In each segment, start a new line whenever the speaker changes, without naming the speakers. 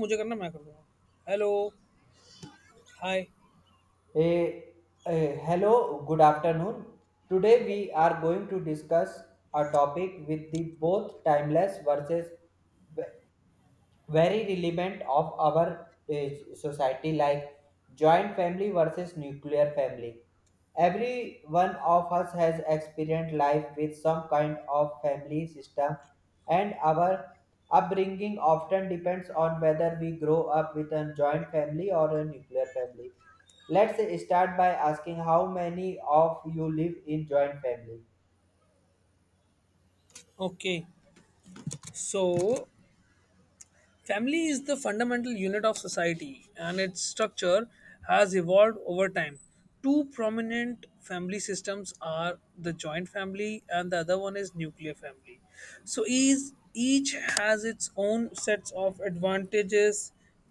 मुझे करना मैं कर दूंगा। Hello. Hi.
Hey, hello, good afternoon. Today we are going to discuss a topic with the both timeless versus ve- very relevant of our society, like joint family versus nuclear family. Every one of us has experienced life with some kind of family system, and our upbringing often depends on whether we grow up with a joint family or a nuclear family. Let's start by asking how many of you live in joint family.
Okay, so family is the fundamental unit of society, and its structure has evolved over time. Two prominent family systems are the joint family, and the other one is nuclear family. So each has its own sets of advantages,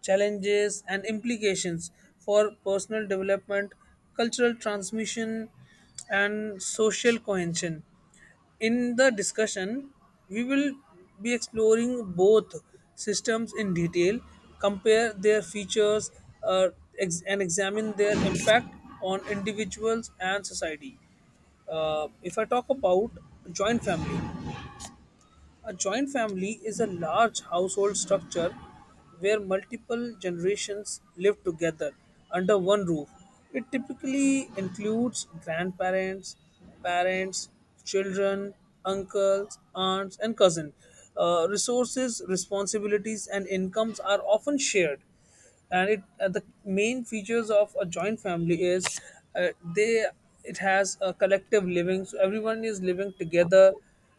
challenges and implications for personal development, cultural transmission and social cohesion. In the discussion, we will be exploring both systems in detail, compare their features, uh, and examine their impact on individuals and society. If I talk about joint family, a joint family is a large household structure where multiple generations live together under one roof. It typically includes grandparents, parents, children, uncles, aunts, and cousins. Resources, responsibilities, and incomes are often shared, and it the main features of a joint family is uh, they it has a collective living, so everyone is living together.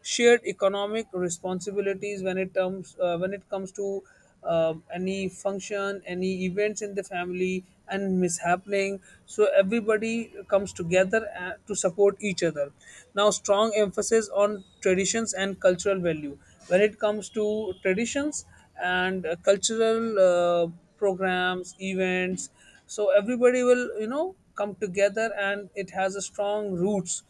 Shared economic responsibilities when it comes to any function, any events in the family and mishappening, so everybody comes together to support each other. Now, strong emphasis on traditions and cultural value when it comes to traditions and cultural programs, events. So everybody will come together, and it has a strong roots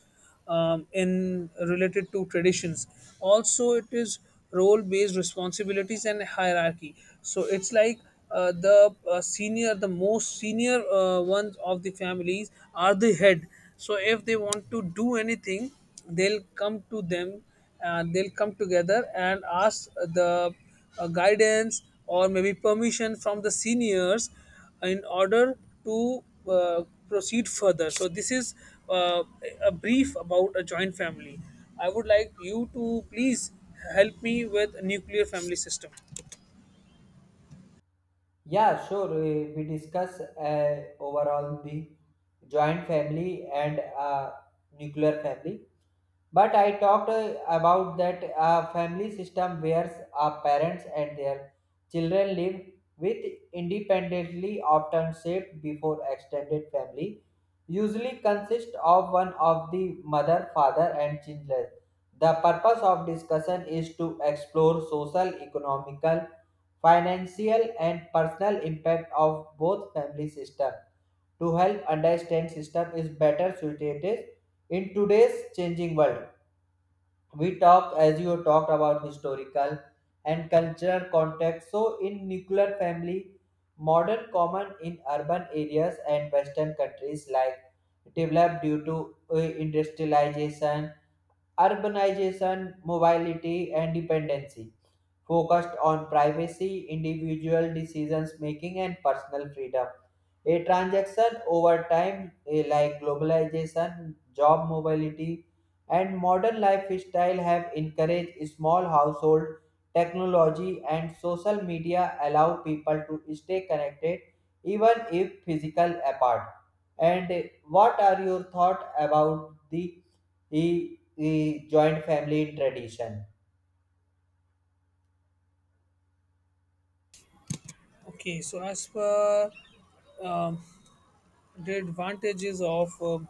in related to traditions. Also, it is role-based responsibilities and hierarchy. So it's like the senior, the most senior ones of the families are the head. So if they want to do anything, they'll come to them and they'll come together and ask the guidance or maybe permission from the seniors in order to proceed further. So, this is uh, a brief about a joint family. I would like you to please help me with nuclear family system.
Yeah, sure. We discuss overall the joint family and nuclear family. But I talked about that a family system where our parents and their children live with independently, often shaped before extended family, usually consists of one of the mother, father and children. The purpose of discussion is to explore social, economical, financial and personal impact of both family system to help understand system is better suited in today's changing world. We talked, as you talked, about historical and cultural context. So in nuclear family, modern common in urban areas and western countries, like developed due to industrialization, urbanization, mobility and dependency, focused on privacy, individual decisions making, and personal freedom. A transaction over time, like globalization, job mobility, and modern lifestyle, have encouraged small household. Technology and social media allow people to stay connected even if physical apart. And what are your thoughts about the eh, joint family tradition?
Okay, so as per um, the advantages of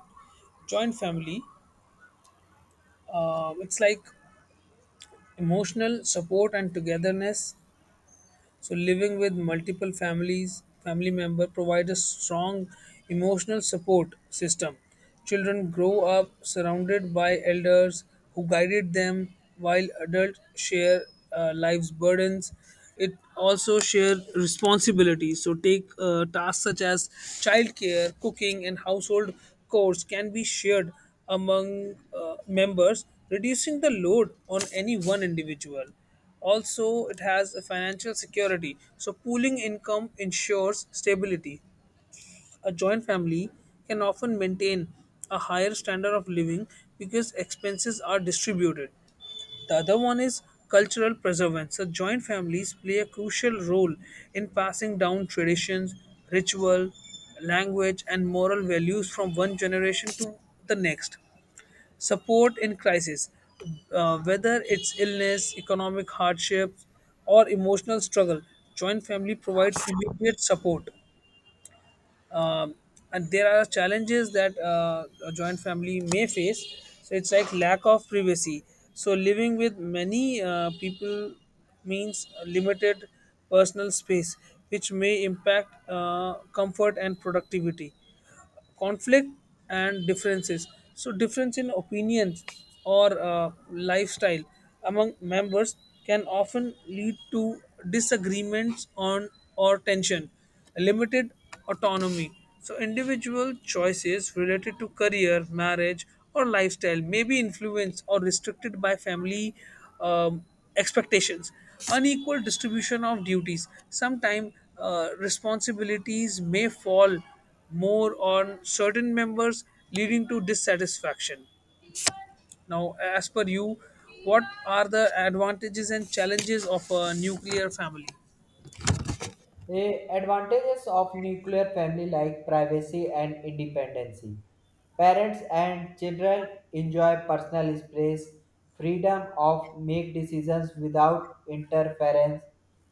joint family, it's like emotional support and togetherness. So living with multiple families, family member provide a strong emotional support system. Children grow up surrounded by elders who guided them, while adults share life's burdens. It also share responsibilities. So take tasks such as childcare, cooking, and household chores can be shared among members, reducing the load on any one individual. Also, it has a financial security, so pooling income ensures stability. A joint family can often maintain a higher standard of living because expenses are distributed. The other one is cultural preservance. So joint families play a crucial role in passing down traditions, ritual, language, and moral values from one generation to the next. Support in crisis, whether it's illness, economic hardship, or emotional struggle, joint family provides immediate support. Um, and there are challenges that a joint family may face. So it's like lack of privacy. So living with many people means limited personal space, which may impact comfort and productivity. Conflict and differences, so difference in opinions or lifestyle among members can often lead to disagreements on or tension. Limited autonomy, so individual choices related to career, marriage or lifestyle may be influenced or restricted by family um, expectations. Unequal distribution of duties, sometimes responsibilities may fall more on certain members, leading to dissatisfaction. Now, as per you, what are the advantages and challenges of a nuclear family?
Advantages of nuclear family, like privacy and independence. Parents and children enjoy personal space, freedom of make decisions without interference,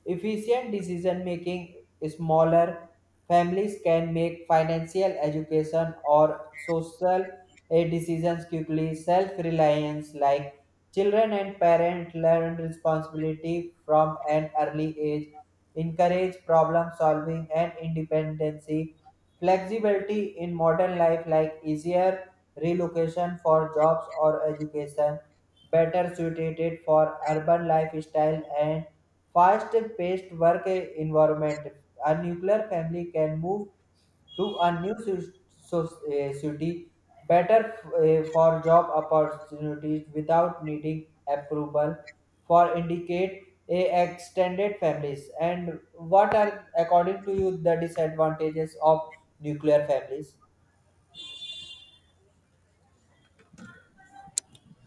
efficient decision making. Smaller families can make financial, education, or social decisions quickly. Self-reliance, like children and parents, learn responsibility from an early age, encourage problem solving and independence. Flexibility in modern life, like easier relocation for jobs or education, better suited for urban lifestyle and fast-paced work environment. A nuclear family can move to a new city, better for job opportunities without needing approval for indicate a extended families. And what are, according to you, the disadvantages of nuclear families?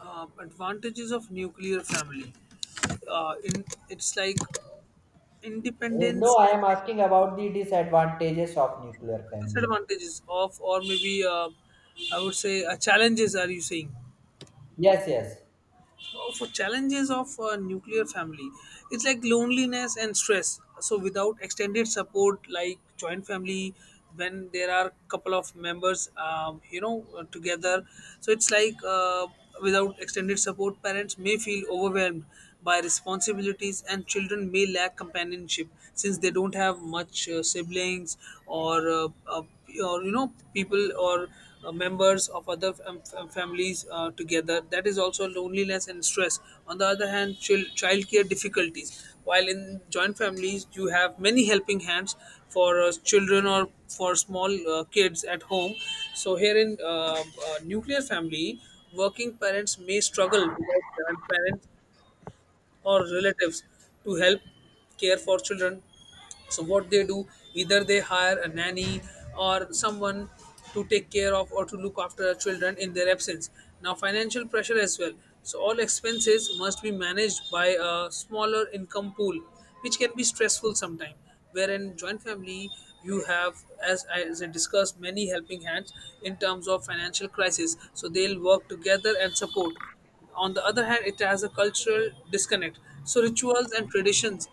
Advantages of nuclear family. In It's like
No,
independence.
I am asking about the disadvantages of nuclear family.
Disadvantages of, or maybe I would say challenges. Are you saying?
Yes, yes.
For challenges of a nuclear family, it's like loneliness and stress. So without extended support like joint family, when there are couple of members, together, so it's like without extended support, parents may feel overwhelmed by responsibilities and children may lack companionship since they don't have much siblings or uh, uh, or people or members of other families together. That is also loneliness and stress. On the other hand, childcare difficulties. While in joint families, you have many helping hands for children or for small kids at home. So here in nuclear family, working parents may struggle without grandparents or relatives to help care for children, so what they do, either they hire a nanny or someone to take care of or to look after our children in their absence. Now, financial pressure as well. So all expenses must be managed by a smaller income pool, which can be stressful sometimes. Wherein joint family, you have, as I discussed, many helping hands in terms of financial crisis. So they'll work together and support. On the other hand, it has a cultural disconnect, so rituals and traditions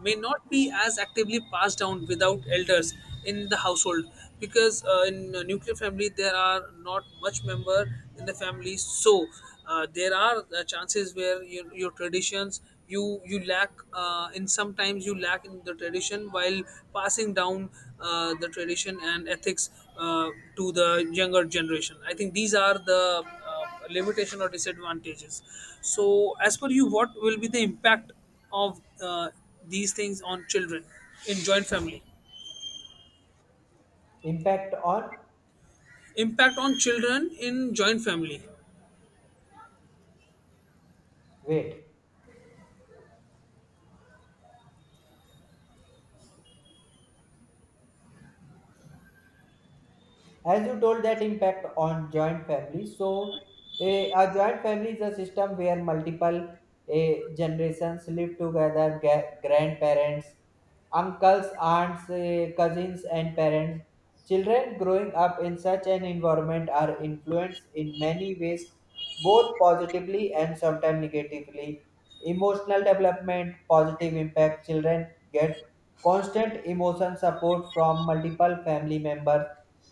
may not be as actively passed down without elders in the household, because in a nuclear family there are not much member in the family. So there are chances where your traditions you lack in, sometimes you lack in the tradition while passing down the tradition and ethics uh, to the younger generation. I think these are the limitation or disadvantages. So as per you, what will be the impact of these things on children in joint family?
Impact on
Impact on children in joint family.
wait. As you told that impact on joint family, so a joint family is a system where multiple generations live together, grandparents, uncles, aunts, cousins and parents. Children growing up in such an environment are influenced in many ways, both positively and sometimes negatively. Emotional development, positive impact: children get constant emotion support from multiple family members.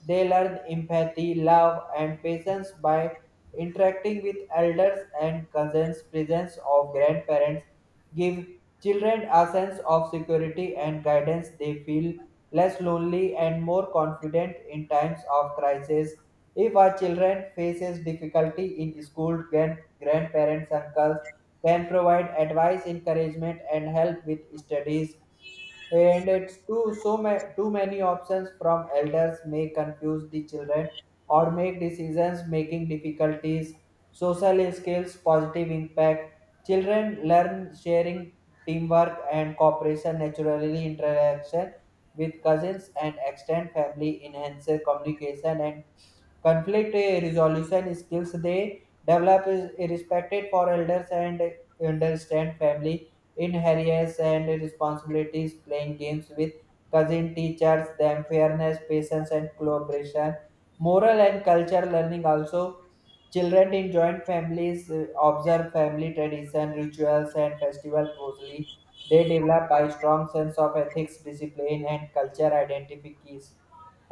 They learn empathy, love, and patience by interacting with elders and cousins. Presence of grandparents give children a sense of security and guidance. They feel less lonely and more confident in times of crisis. If a child faces difficulty in school, grandparents, uncles can provide advice, encouragement, and help with studies. And it's too so too many options from elders may confuse the children or make decisions making difficulties. Social skills, positive impact: children learn sharing, teamwork and cooperation naturally. Interaction with cousins and extended family enhances communication and conflict resolution skills. They develop is respected for elders and understand family inheritance and responsibilities. Playing games with cousin teachers them fairness, patience, and collaboration. Moral and culture learning also. Children in joint families observe family tradition, rituals, and festival closely. They develop a strong sense of ethics, discipline, and culture identities.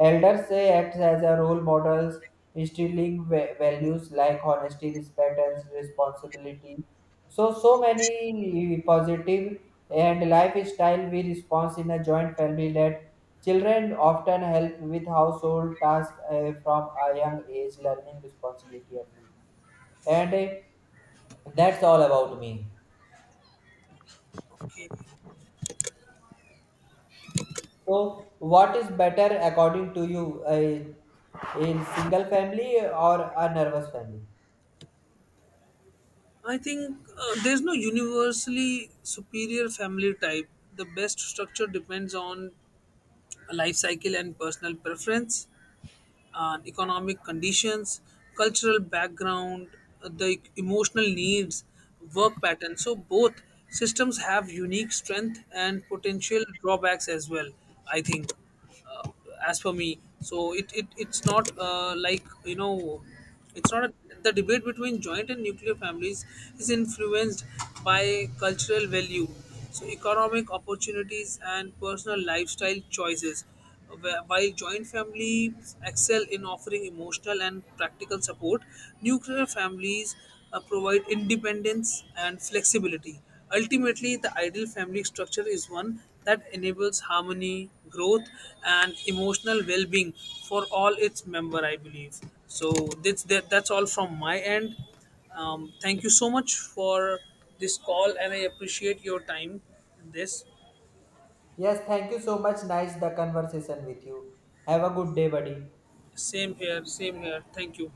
Elders say acts as a role models, instilling values like honesty, respect, and responsibility. So, so many positive and lifestyle we response in a joint family led. Children often help with household tasks from a young age, learning responsibility early. And that's all about me.
Okay.
So, what is better according to you, a single family or a nervous family?
I think there's no universally superior family type. The best structure depends on life cycle and personal preference, economic conditions, cultural background, the emotional needs, work patterns. So both systems have unique strength and potential drawbacks as well. I think uh, as for me, so it's not like it's not a, the debate between joint and nuclear families is influenced by cultural value, so economic opportunities and personal lifestyle choices. While joint families excel in offering emotional and practical support, nuclear families provide independence and flexibility. Ultimately, the ideal family structure is one that enables harmony, growth, and emotional well-being for all its member. I believe so. That's all from my end. Thank you so much for this call, and I appreciate your time. In this
Yes, thank you so much. Nice the conversation with you. Have a good day, buddy.
same here, same here. Thank you.